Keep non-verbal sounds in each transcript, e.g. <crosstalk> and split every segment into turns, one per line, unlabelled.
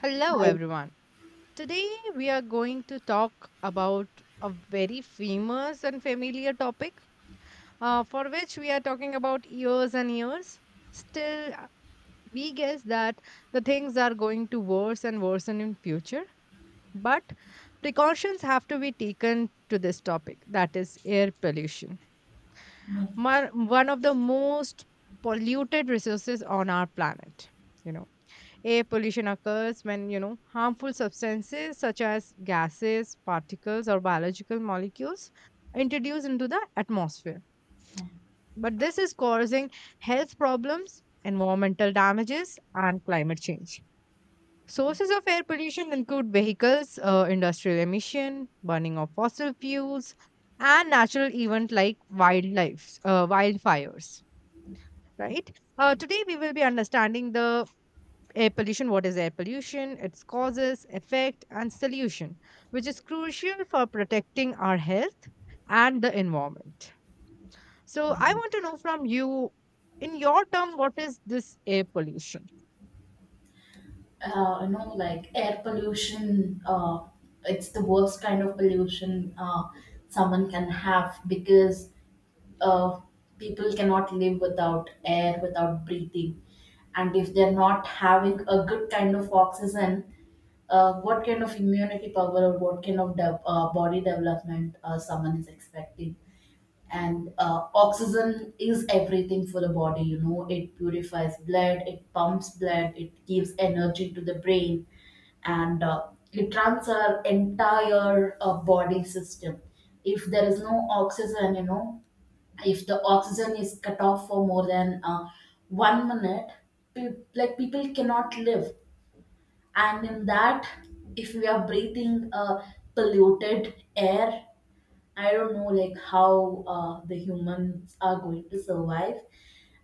Hello,
I
everyone. Today we are going to talk about a very famous and familiar topic for which we are talking about years and years. Still, we guess that the things are going to worse and worsen in future, but precautions have to be taken to this topic that is air pollution, one of the most polluted resources on our planet. You know Air pollution occurs when, harmful substances such as gases, particles, or biological molecules are introduced into the atmosphere. But this is causing health problems, environmental damages, and climate change. Sources of air pollution include vehicles, industrial emission, burning of fossil fuels, and natural events like wildlife, wildfires. Right. Today we will be understanding the air pollution. What is air pollution, its causes, effect, and solution, which is crucial for protecting our health and the environment. So I want to know from you, in your term, what is this air pollution?
uh, like action. It's the worst kind of pollution someone can have because uh, people cannot live without air, without breathing, and if they're not having a good kind of oxygen, what kind of immunity power or what kind of body development someone is expecting? And oxygen is everything for the body. You know, it purifies blood, it pumps blood, it gives energy to the brain and it runs our entire body system. If there is no oxygen, you know, if the oxygen is cut off for more than one minute, like people cannot live. And in that, if we are breathing polluted air, I don't know like how the humans are going to survive.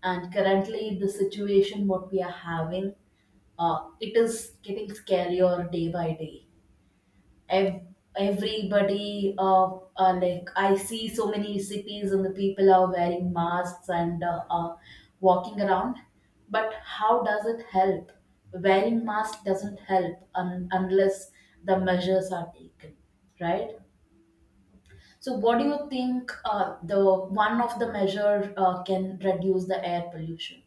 And currently, the situation what we are having, it is getting scarier day by day. ev- Everybody, like, I see so many cities and the people are wearing masks and walking around, but how does it help? Wearing mask doesn't help unless the measures are taken, right? So what do you think the one of the measure can reduce the air pollution?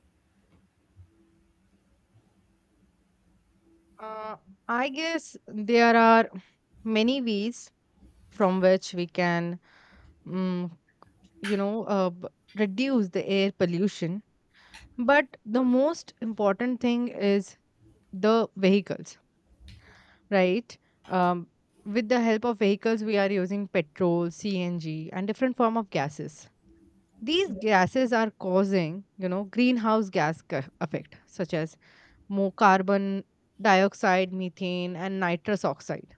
Uh, i guess there are many ways from which we can, mm, you know uh, b- reduce the air pollution. But the most important thing is the vehicles, right? Um, with the help of vehicles, we are using petrol, CNG, and different form of gases. These gases are causing, greenhouse gas effect, such as more carbon dioxide, methane, and nitrous oxide.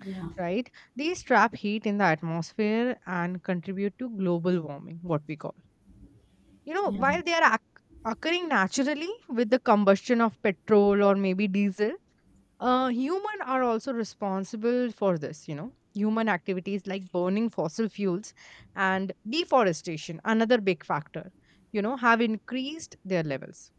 Yeah,
Right? These trap heat in the atmosphere and contribute to global warming, what we call. You know,
yeah,
while they are occurring naturally with the combustion of petrol or maybe diesel, human are also responsible for this. Human activities like burning fossil fuels and deforestation, another big factor, have increased their levels.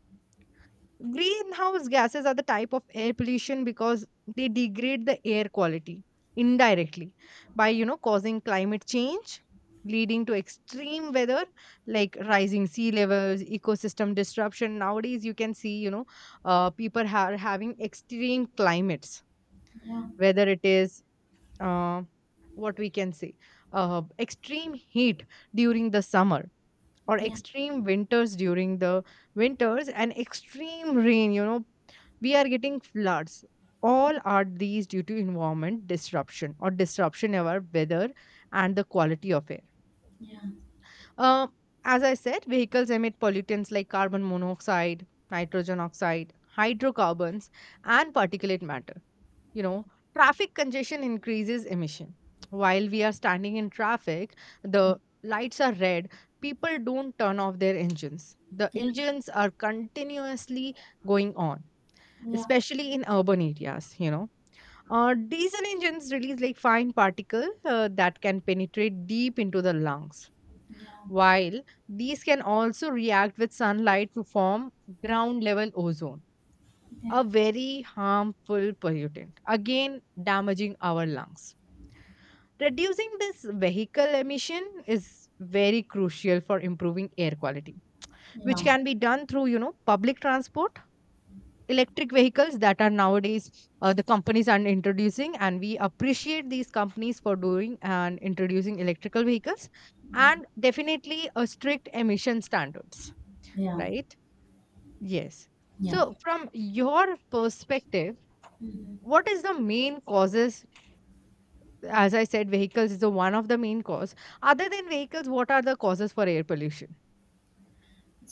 Greenhouse gases are the type of air pollution because they degrade the air quality indirectly by, causing climate change, leading to extreme weather like rising sea levels, ecosystem disruption. Nowadays you can see, people are having extreme climates.
yeah,
Whether it is, uh, what we can say, extreme heat during the summer, or
yeah,
extreme winters during the winters, and extreme rain, we are getting floods. All are these due to environment disruption or disruption of our weather and the quality of air.
yeah,
Uh, as i said, vehicles emit pollutants like carbon monoxide, nitrogen oxide, hydrocarbons, and particulate matter. you know
yeah,
Traffic congestion increases emission. While we are standing in traffic, the lights are red, people don't turn off their engines. The
yeah,
engines are continuously going on,
yeah,
especially in urban areas. Diesel engines release like fine particles that can penetrate deep into the lungs,
yeah,
while these can also react with sunlight to form ground level ozone, a very harmful pollutant, again damaging our lungs. Reducing this vehicle emission is very crucial for improving air quality, which
yeah,
can be done through, public transport, electric vehicles that are nowadays, the companies are introducing, and we appreciate these companies for doing and introducing electrical vehicles, and definitely a strict emission standards,
yeah,
right? Yes.
yeah.
So, from your perspective, what is the main causes? As I said, vehicles is the one of the main cause. Other than vehicles, what are the causes for air pollution?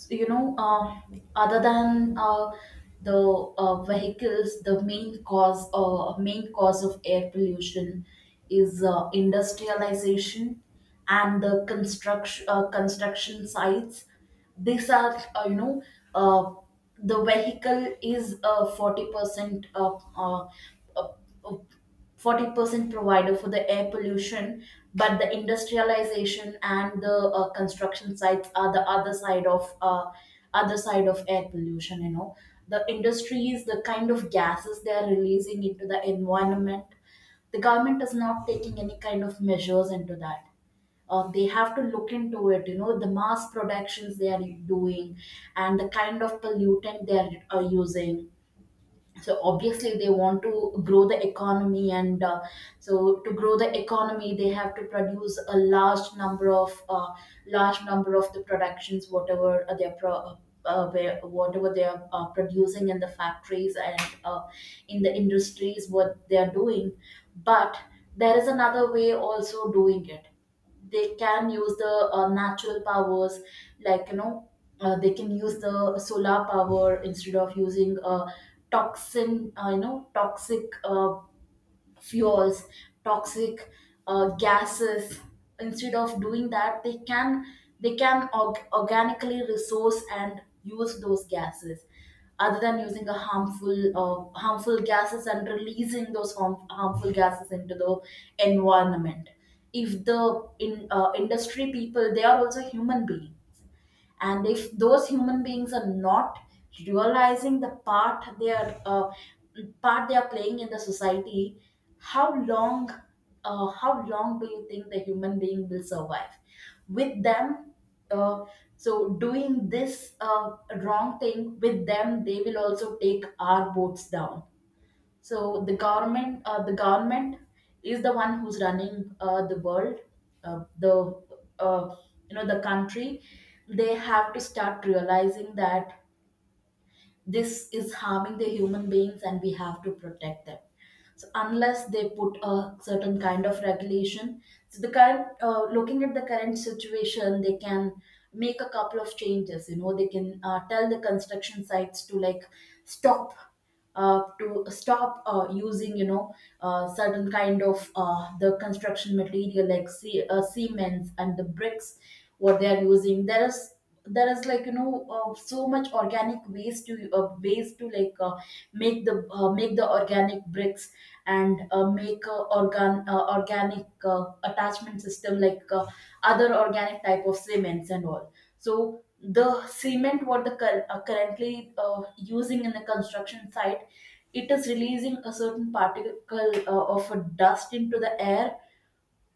You know, other than the vehicles, the main cause of air pollution is industrialization and the construction construction sites. These are you know, uh, the vehicle is 40%, 40%, uh, uh, 40% provider for the air pollution, but the industrialization and the construction sites are the other side of other side of air pollution. You know, the industries, the kind of gases they are releasing into the environment, the government is not taking any kind of measures into that. They have to look into it. You know, the mass productions they are doing, and the kind of pollutant they are using. So obviously they want to grow the economy, and so to grow the economy they have to produce a large number of large number of the productions, whatever whatever they are producing in the factories and uh, in the industries, what they are doing. But there is another way also doing it. They can use the natural powers, like, you know, they can use the solar power instead of using toxin you know, toxic fuels, toxic gases. Instead of doing that, they can, they can organically resource and use those gases, other than using a harmful harmful gases and releasing those harmful gases into the environment. If the in industry people, they are also human beings, and if those human beings are not realizing the part they are playing in the society, how long, how long do you think the human being will survive with them? uh, so doing this wrong thing with them, they will also take our boats down. So the government, the government is the one who's running the world, the uh, you know, the country. They have to start realizing that this is harming the human beings and we have to protect them, so unless they put a certain kind of regulation. So the current, looking at the current situation, they can make a couple of changes. You know, they can tell the construction sites to like stop, to stop using, you know, certain kind of the construction material, like cements and the bricks, what they are using. There is, there is like, you know, so much organic ways to ways to like, make the make the organic bricks, and make organic attachment system, like, other organic type of cements and all. So the cement, what the currently using in the construction site, it is releasing a certain particle of a dust into the air,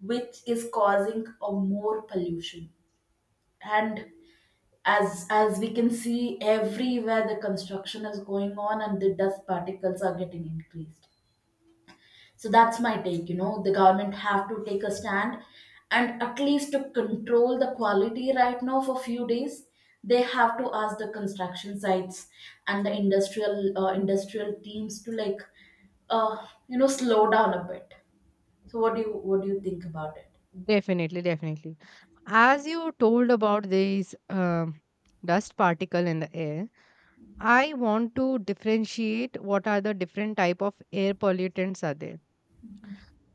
which is causing a more pollution. And as we can see, everywhere the construction is going on and the dust particles are getting increased. So that's my take. You know, the government have to take a stand, and at least to control the quality right now for few days, they have to ask the construction sites and the industrial industrial teams to like you know, slow down a bit. So what do you, what do you think about it?
Definitely, definitely. As you told about these dust particle in the air, I want to differentiate what are the different type of air pollutants are there.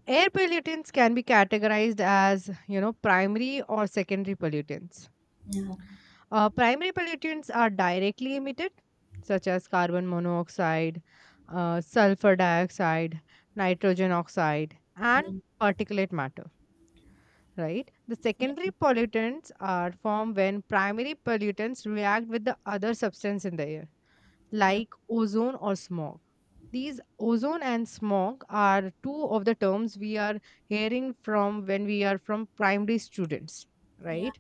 Air pollutants can be categorized as, primary or secondary pollutants.
Yeah,
Primary pollutants are directly emitted, such as carbon monoxide, sulfur dioxide, nitrogen oxide, and
yeah,
particulate matter. Right? The secondary pollutants are formed when primary pollutants react with the other substance in the air,
yeah,
like ozone or smog. These ozone and smog are two of the terms we are hearing from when we are from primary students, right?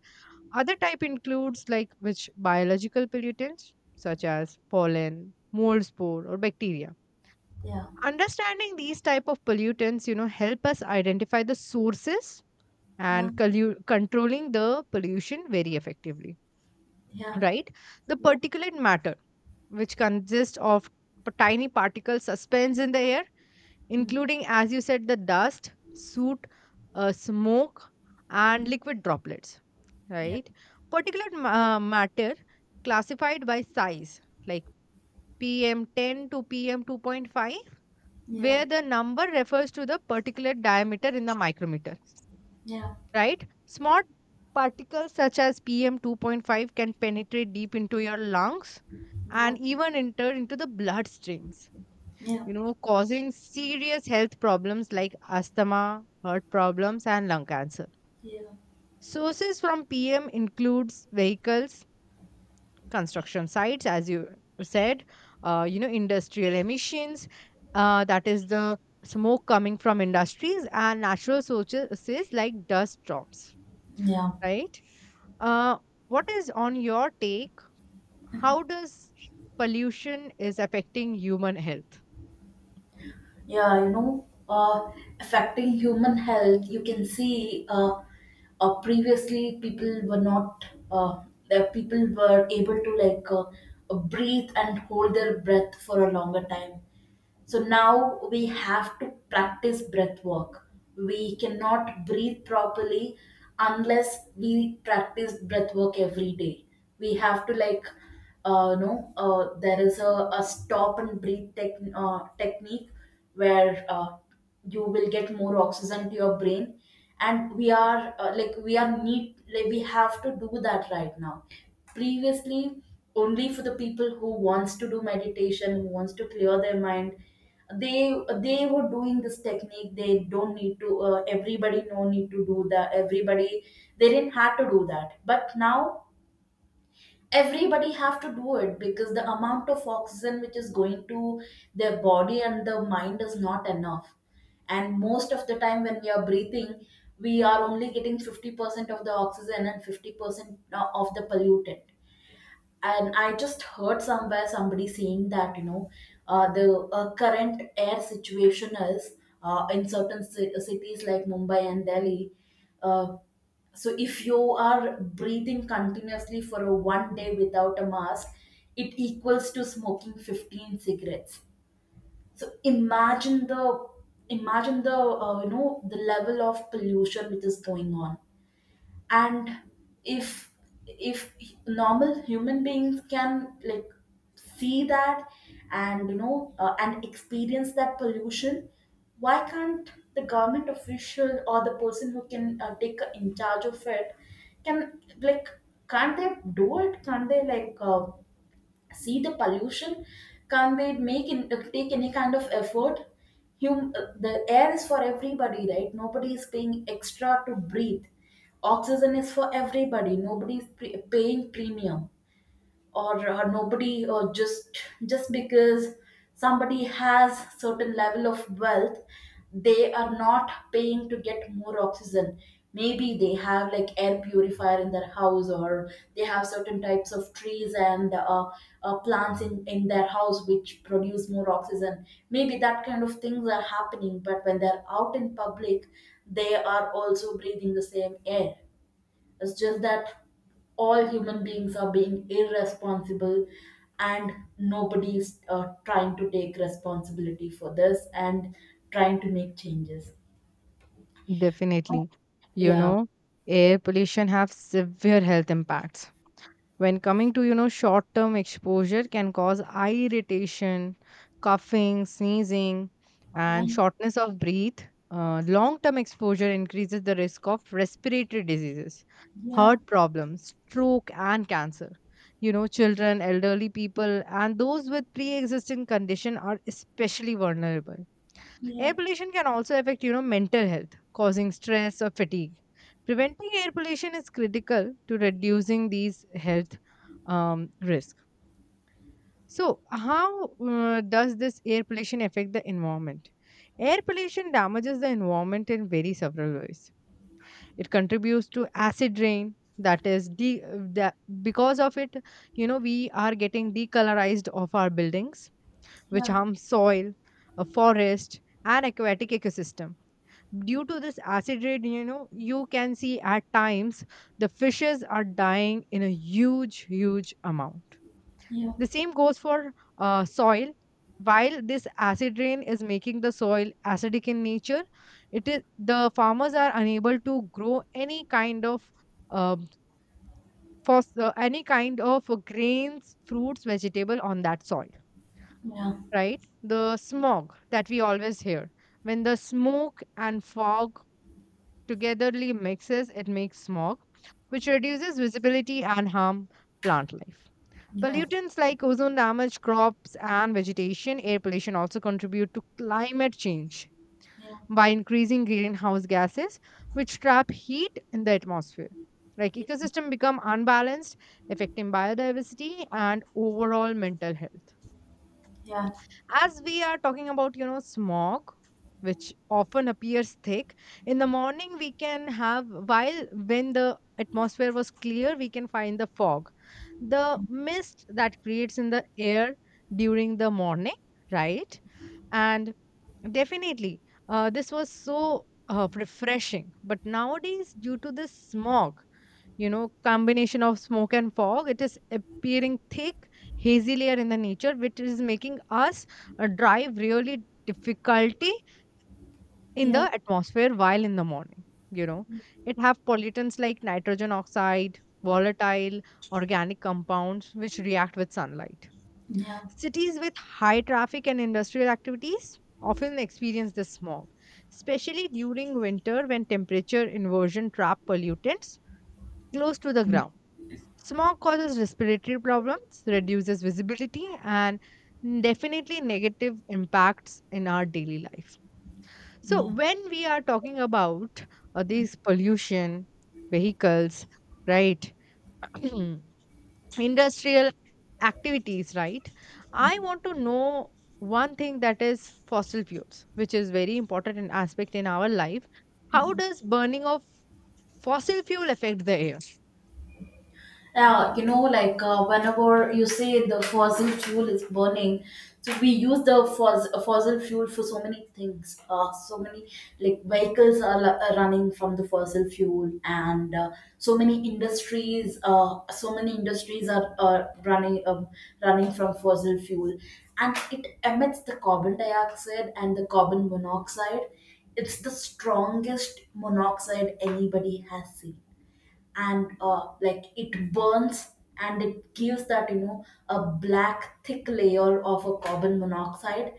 Other type includes like which biological pollutants such as pollen, mold spore, or bacteria.
yeah,
Understanding these type of pollutants, help us identify the sources
yeah,
and controlling the pollution very effectively,
yeah,
right? The particulate matter, which consists of tiny particles suspends in the air,
yeah.
including, as you said, the dust, soot, smoke, and liquid droplets,
Yeah,
right? Particulate matter classified by size, like PM10 to PM2.5,
yeah,
where the number refers to the particulate diameter in the micrometer,
yeah,
right? Small particles such as PM2.5 can penetrate deep into your lungs
yeah,
and even enter into the bloodstreams.
yeah, yeah,
You know, causing serious health problems like asthma, heart problems, and lung cancer.
yeah, yeah.
Sources from PM includes vehicles, construction sites as you said, industrial emissions, that is the smoke coming from industries and natural sources like dust storms,
Yeah, yeah,
right? uh, what is on your take, how does pollution is affecting human health?
yeah, yeah, yeah, yeah, yeah. You know, affecting human health. You can see, previously people were not, the people were able to like breathe and hold their breath for a longer time. So now we have to practice breath work. We cannot breathe properly unless we practice breath work every day. We have to like, no, there is a stop and breathe technique where you will get more oxygen to your brain. And we are, like we are need like we have to do that right now. Previously, only for the people who wants to do meditation, who wants to clear their mind, they they were doing this technique. They don't need to, everybody no need to do that, everybody, they didn't have to do that. But now everybody have to do it, because the amount of oxygen which is going to their body and the mind is not enough. And most of the time when we are breathing, we are only getting 50% of the oxygen and 50% of the pollutant. And I just heard somewhere, somebody saying that, you know, the current air situation is in certain cities like Mumbai and Delhi. uh, so if you are breathing continuously for a one day without a mask, it equals to smoking 15 cigarettes. So imagine the, imagine the, you know, the level of pollution which is going on. And if if normal human beings can like see that and, you know, and experience that pollution, why can't the government official or the person who can take in charge of it, can like, can't they do it? Can't they like, see the pollution? Can't they make in, take any kind of effort? The air is for everybody, right? Nobody is paying extra to breathe. Oxygen is for everybody, nobody is paying premium, or nobody, or just because somebody has certain level of wealth, they are not paying to get more oxygen. Maybe they have like air purifier in their house, or they have certain types of trees and plants in their house which produce more oxygen. Maybe that kind of things are happening, but when they're out in public, they are also breathing the same air. It's just that all human beings are being irresponsible, and nobody's trying to take responsibility for this and trying to make changes.
Definitely. You
Yeah.
know, air pollution have severe health impacts. When coming to, short-term exposure can cause eye irritation, coughing, sneezing,
Yeah.
and shortness of breath. Long-term exposure increases the risk of respiratory diseases,
Yeah.
heart problems, stroke, and cancer. You know, children, elderly people, and those with pre-existing condition are especially vulnerable. Air
Yeah.
pollution can also affect, mental health, causing stress or fatigue. Preventing air pollution is critical to reducing these health risks. So, how does this air pollution affect the environment? Air pollution damages the environment in very several ways. It contributes to acid rain. That is, de- that because of it, we are getting decolorized of our buildings, which
Yeah.
harms soil, a forest, and aquatic ecosystem. Due to this acid rain, you can see at times the fishes are dying in a huge, huge amount.
Yeah.
The same goes for soil. While this acid rain is making the soil acidic in nature, it is the farmers are unable to grow any kind of um, for any kind of grains, fruits, vegetable on that soil.
Yeah.
Right, the smog that we always hear. When the smoke and fog togetherly mixes, it makes smog, which reduces visibility and harm plant life.
Yeah. Yeah.
Pollutants like ozone damage crops and vegetation. Air pollution also contribute to climate change by increasing greenhouse gases, which trap heat in the atmosphere. Like
Yeah.
ecosystem become unbalanced, affecting biodiversity and overall mental health.
Yeah.
As we are talking about, smog, which often appears thick, in the morning we can have, while when the atmosphere was clear, we can find the fog. The mist that creates in the air during the morning, right? And definitely, this was so refreshing. But nowadays, due to the smog, combination of smoke and fog, it is appearing thick hazy layer in the nature, which is making us drive really difficulty in the
Yeah.
atmosphere. While in the morning, you know it have pollutants like nitrogen oxide, volatile organic compounds, which react with sunlight.
Yeah.
Cities with high traffic and industrial activities often experience this smog, especially during winter when temperature inversion trap pollutants close to the ground. Smog causes respiratory problems, reduces visibility, and definitely negative impacts in our daily life. So,
Yeah.
when we are talking about these pollution, vehicles, right, <clears throat> industrial activities, right, I want to know one thing, that is fossil fuels, which is very important an aspect in our life. How does burning of fossil fuel affect the air?
Yeah, you know, like, whenever you say the fossil fuel is burning, so we use the fossil fuel for so many things. So many like vehicles are, are running from the fossil fuel, and so many industries. So many industries are running from fossil fuel, and it emits the carbon dioxide and the carbon monoxide. It's the strongest monoxide anybody has seen, and like it burns, and it gives that, you know, a black thick layer of a carbon monoxide,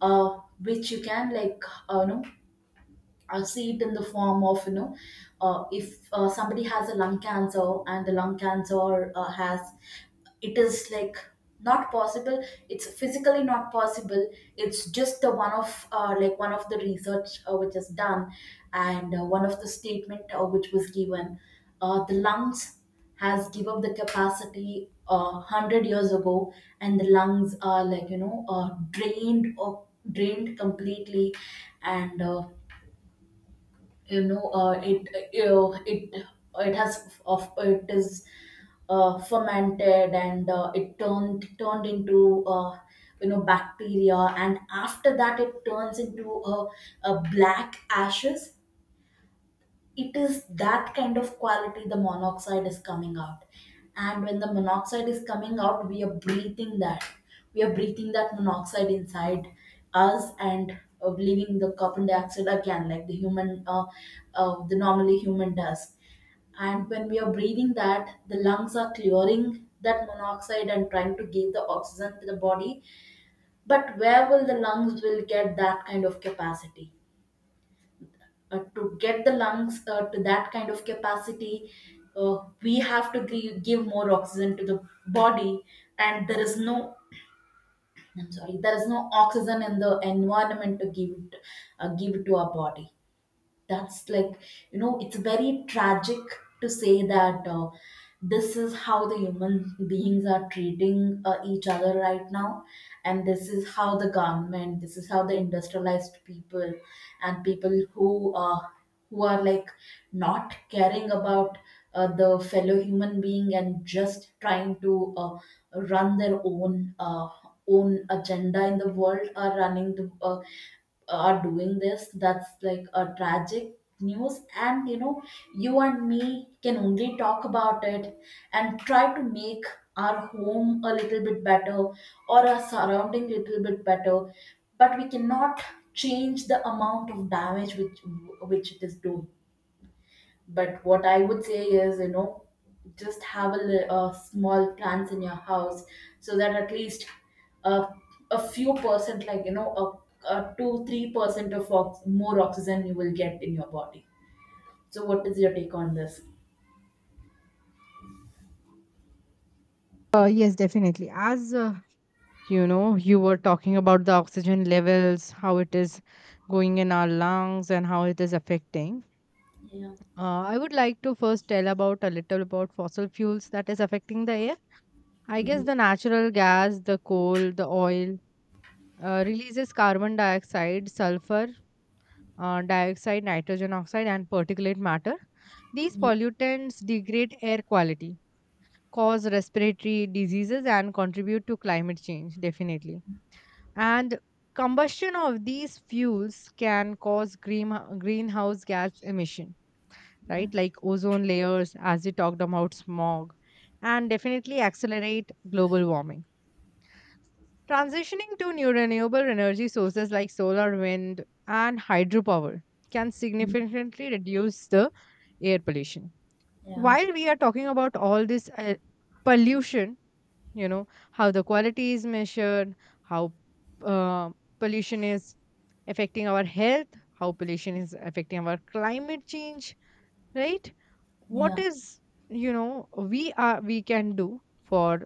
which you can like, you know, I see it in the form of, you know, if somebody has a lung cancer and the lung cancer has, it is like not possible. It's physically not possible. It's just the one of, like one of the research which is done, and one of the statement which was given. The lungs has give up the capacity 100 years ago, and the lungs are like drained or drained completely, and it it has of it is fermented, and it turned into bacteria, and after that it turns into a black ashes. It is that kind of quality the monoxide is coming out, and when the monoxide is coming out, we are breathing that monoxide inside us, and leaving the carbon dioxide again, like the normally human does. And when we are breathing that, the lungs are clearing that monoxide and trying to give the oxygen to the body. But where will the lungs will get that kind of capacity? To get the lungs to that kind of capacity, we have to give more oxygen to the body, and there is no, I'm sorry, there is no oxygen in the environment to give it to our body. That's like, it's very tragic to say that this is how the human beings are treating each other right now, and this is how the government, this is how the industrialized people and people who are like not caring about the fellow human being, and just trying to run their own agenda in the world, are running the are doing this. That's like a tragic news, and you and me can only talk about it and try to make our home a little bit better or our surrounding little bit better. But we cannot change the amount of damage which it is doing. But what I would say is, just have a small plants in your house, so that at least uh, a few percent, like, a 2 3% of more oxygen you will get in your body. So, what is your take on this?
Yes, definitely. As you know, you were talking about the oxygen levels, how it is going in our lungs, and how it is affecting.
Yeah.
I would like to first tell about a little about fossil fuels that is affecting the air. I guess the natural gas, the coal, the oil releases carbon dioxide, sulfur, dioxide, nitrogen oxide, and particulate matter. These pollutants degrade air quality, cause respiratory diseases, and contribute to climate change, definitely. And combustion of these fuels can cause greenhouse gas emission,
No.
right? Like ozone layers, as we talked about smog, and definitely accelerate global warming. Transitioning to new renewable energy sources like solar, wind, and hydropower can significantly reduce the air pollution.
Yeah.
While we are talking about all this pollution, you know, how the quality is measured, how uh, pollution is affecting our health, how pollution is affecting our climate change, right? What
Yeah.
is, we can do for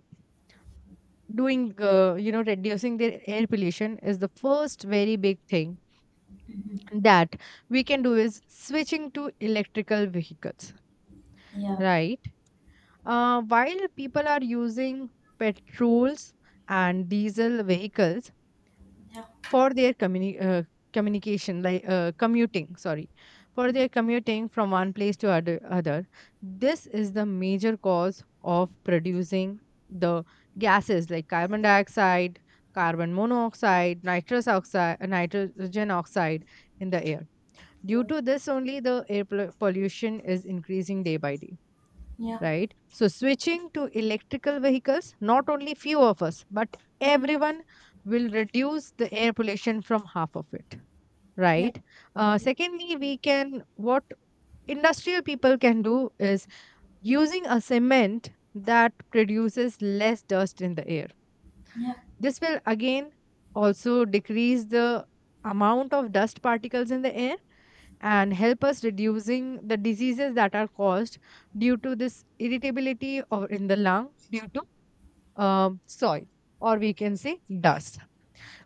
doing, reducing their air pollution is the first very big thing
Mhm.
that we can do is switching to electrical vehicles.
Yeah.
Right. While people are using petrols and diesel vehicles
Yeah.
for their communication, like, commuting, sorry, for their commuting from one place to other, this is the major cause of producing the gases like carbon dioxide, carbon monoxide, nitrous oxide, nitrogen oxide in the air. Due
Yeah.
to this only, the air pollution is increasing day by day,
Yeah.
right? So, switching to electrical vehicles, not only few of us, but everyone will reduce the air pollution from half of it,
Yeah.
right? Secondly, we can, what industrial people can do is using a cement that produces less dust in the air.
Yeah.
This will again also decrease the amount of dust particles in the air and help us reducing the diseases that are caused due to this irritability or in the lung due to soil, or we can say dust.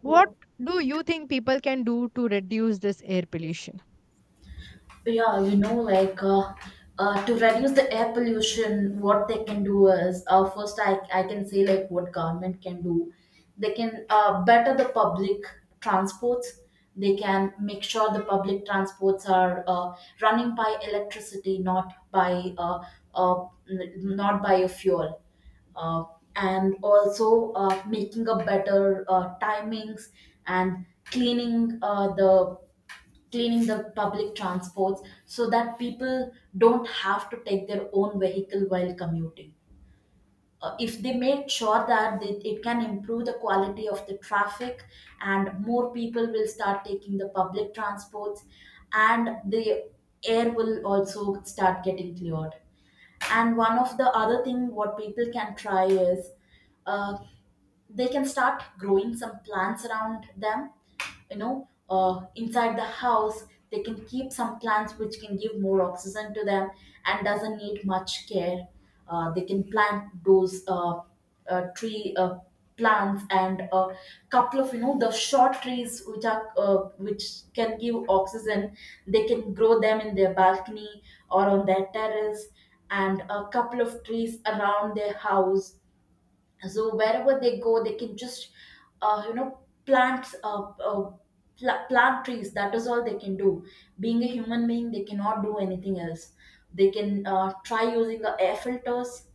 Yeah.
What do you think people can do to reduce this air pollution?
Yeah, like to reduce the air pollution, what they can do is, first, I can say like what government can do. They can better the public transports. They can make sure the public transports are running by electricity, not by uh, not by a fuel. Uh, and also making a better timings, and cleaning uh, the cleaning the public transports, so that people don't have to take their own vehicle while commuting. If they make sure that it can improve the quality of the traffic, and more people will start taking the public transports, and the air will also start getting cleared. And one of the other thing what people can try is, uh, they can start growing some plants around them, inside the house they can keep some plants which can give more oxygen to them and doesn't need much care. They can plant those tree plants, and a couple of the short trees which can give oxygen. They can grow them in their balcony or on their terrace, and a couple of trees around their house, so wherever they go they can just uh, you know plant plant trees. That is all they can do. Being a human being, they cannot do anything else. They can try using the air filters,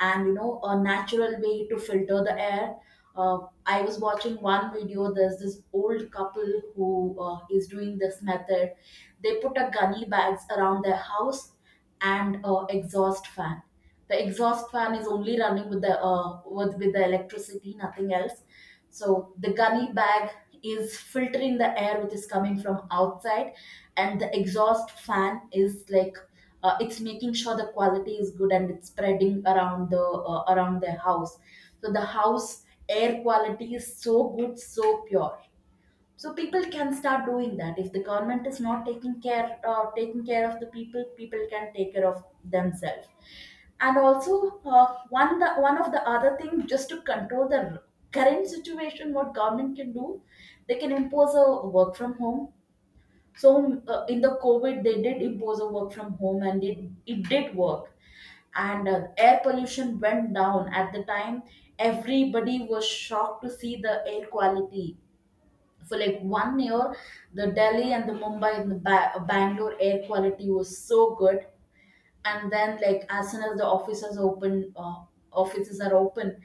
and a natural way to filter the air. uh, I was watching one video. There's this old couple who is doing this method. They put a gunny bags around their house, and exhaust fan. The exhaust fan is only running with the electricity, nothing else. So the gunny bag is filtering the air which is coming from outside, and the exhaust fan is like, it's making sure the quality is good and it's spreading around the house. So the house air quality is so good, so pure. So people can start doing that. If the government is not taking care of the people, people can take care of themselves. And also, one of the other thing, just to control the current situation, what government can do: they can impose a work from home. So in the COVID they did impose a work from home, and it did work. And air pollution went down at the time. Everybody was shocked to see the air quality for like one year. The Delhi and the Mumbai and the Bangalore air quality was so good. And then, like, as soon as the offices open, offices are open,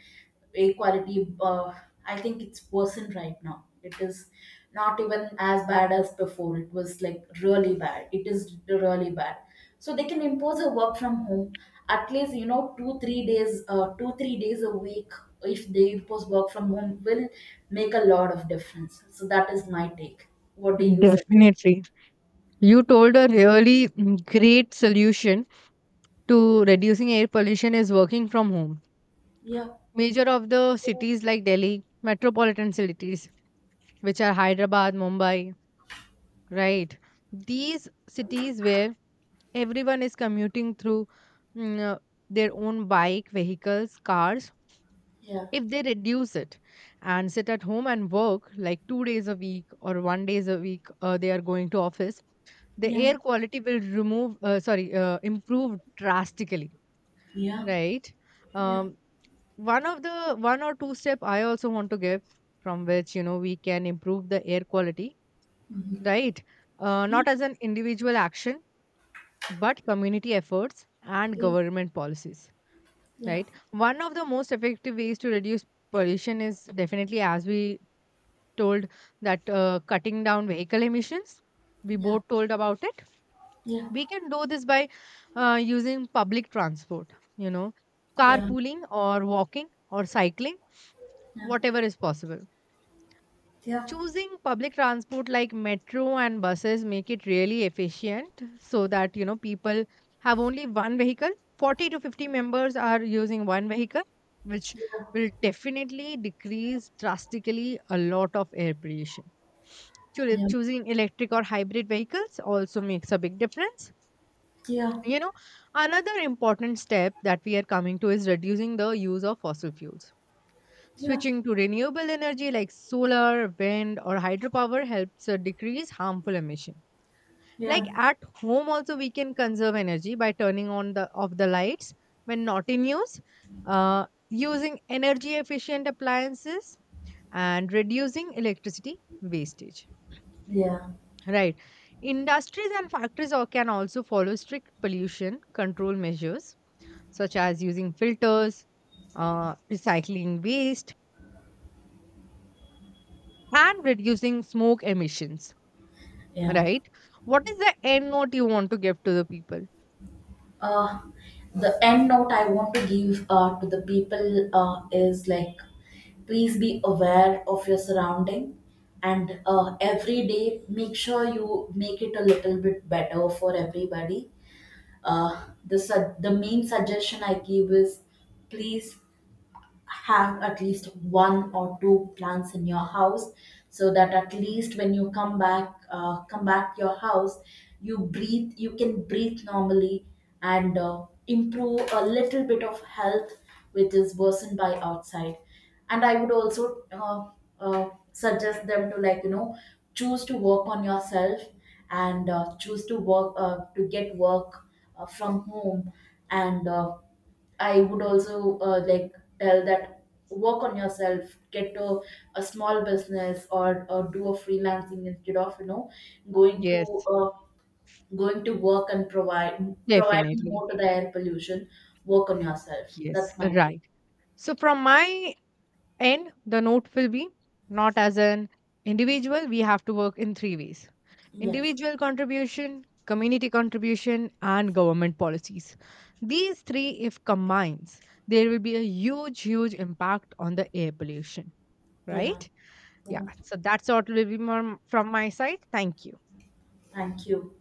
equality, I think it's worsened right now. It is not even as bad as before, it was like really bad, it is really bad. So they can impose a work from home, at least 2-3 days a week. If they impose work from home, will make a lot of difference. So that is my take. What do you say?
Definitely, you told a really, great solution to reducing air pollution is working from home.
Yeah,
Major of the cities like Delhi, metropolitan cities which are Hyderabad, Mumbai, right, these cities where everyone is commuting through, mm, uh, their own bike, vehicles, cars.
yeah,
If they reduce it and sit at home and work like 2 days a week or one days a week, they are going to office. The
yeah,
air quality will remove, sorry, improve drastically,
yeah,
right?
yeah,
Um, One of the one or two step I also want to give, from which, we can improve the air quality, right?
yeah,
Not as an individual action, but community efforts and
yeah,
government policies.
yeah.
Right, one of the most effective ways to reduce pollution is definitely, as we told, that cutting down vehicle emissions, we
Yeah,
both told about it.
yeah,
We can do this by using public transport, you know
yeah,
carpooling or walking or cycling, whatever is possible.
yeah, yeah.
Choosing public transport like metro and buses make it really efficient, so that, people have only one vehicle, 40 to 50 members are using one vehicle, which
Yeah,
will definitely decrease drastically a lot of air pollution.
yeah,
Choosing electric or hybrid vehicles also makes a big difference.
yeah,
you know Another important step that we are coming to is reducing the use of fossil fuels.
yeah,
Switching to renewable energy like solar, wind, or hydropower helps decrease harmful emission. Like
yeah,
at home, also we can conserve energy by turning on the off the lights when not in use, using energy efficient appliances, and reducing electricity wastage.
yeah,
Right. Industries and factories can also follow strict pollution control measures such as using filters, recycling waste, and reducing smoke emissions,
yeah.
right? What is the end note you want to give to the people?
Uh, the end note I want to give to the people is like, please be aware of your surrounding, and every day make sure you make it a little bit better for everybody. The the main suggestion I give is, please have at least one or two plants in your house, so that at least when you come back to your house, you can breathe normally, and improve a little bit of health which is worsened by outside. And I would also suggest them to, like, choose to work on yourself, and choose to work to get work from home, and I would also like tell that, work on yourself, get a small business, or do a freelancing, instead of going to
Yes,
uh, going to work and provide providing
definitely.
more to the air pollution. Work on yourself.
Yes,
That's my take.
right. So, from my end, the note will be, not as an individual, we have to work in three ways:
Yes.
individual contribution, community contribution, and government policies. These three, if combines, there will be a huge, huge impact on the air pollution,
Yeah.
right? Yeah. So, that's what will be from my side. Thank you.
Thank you.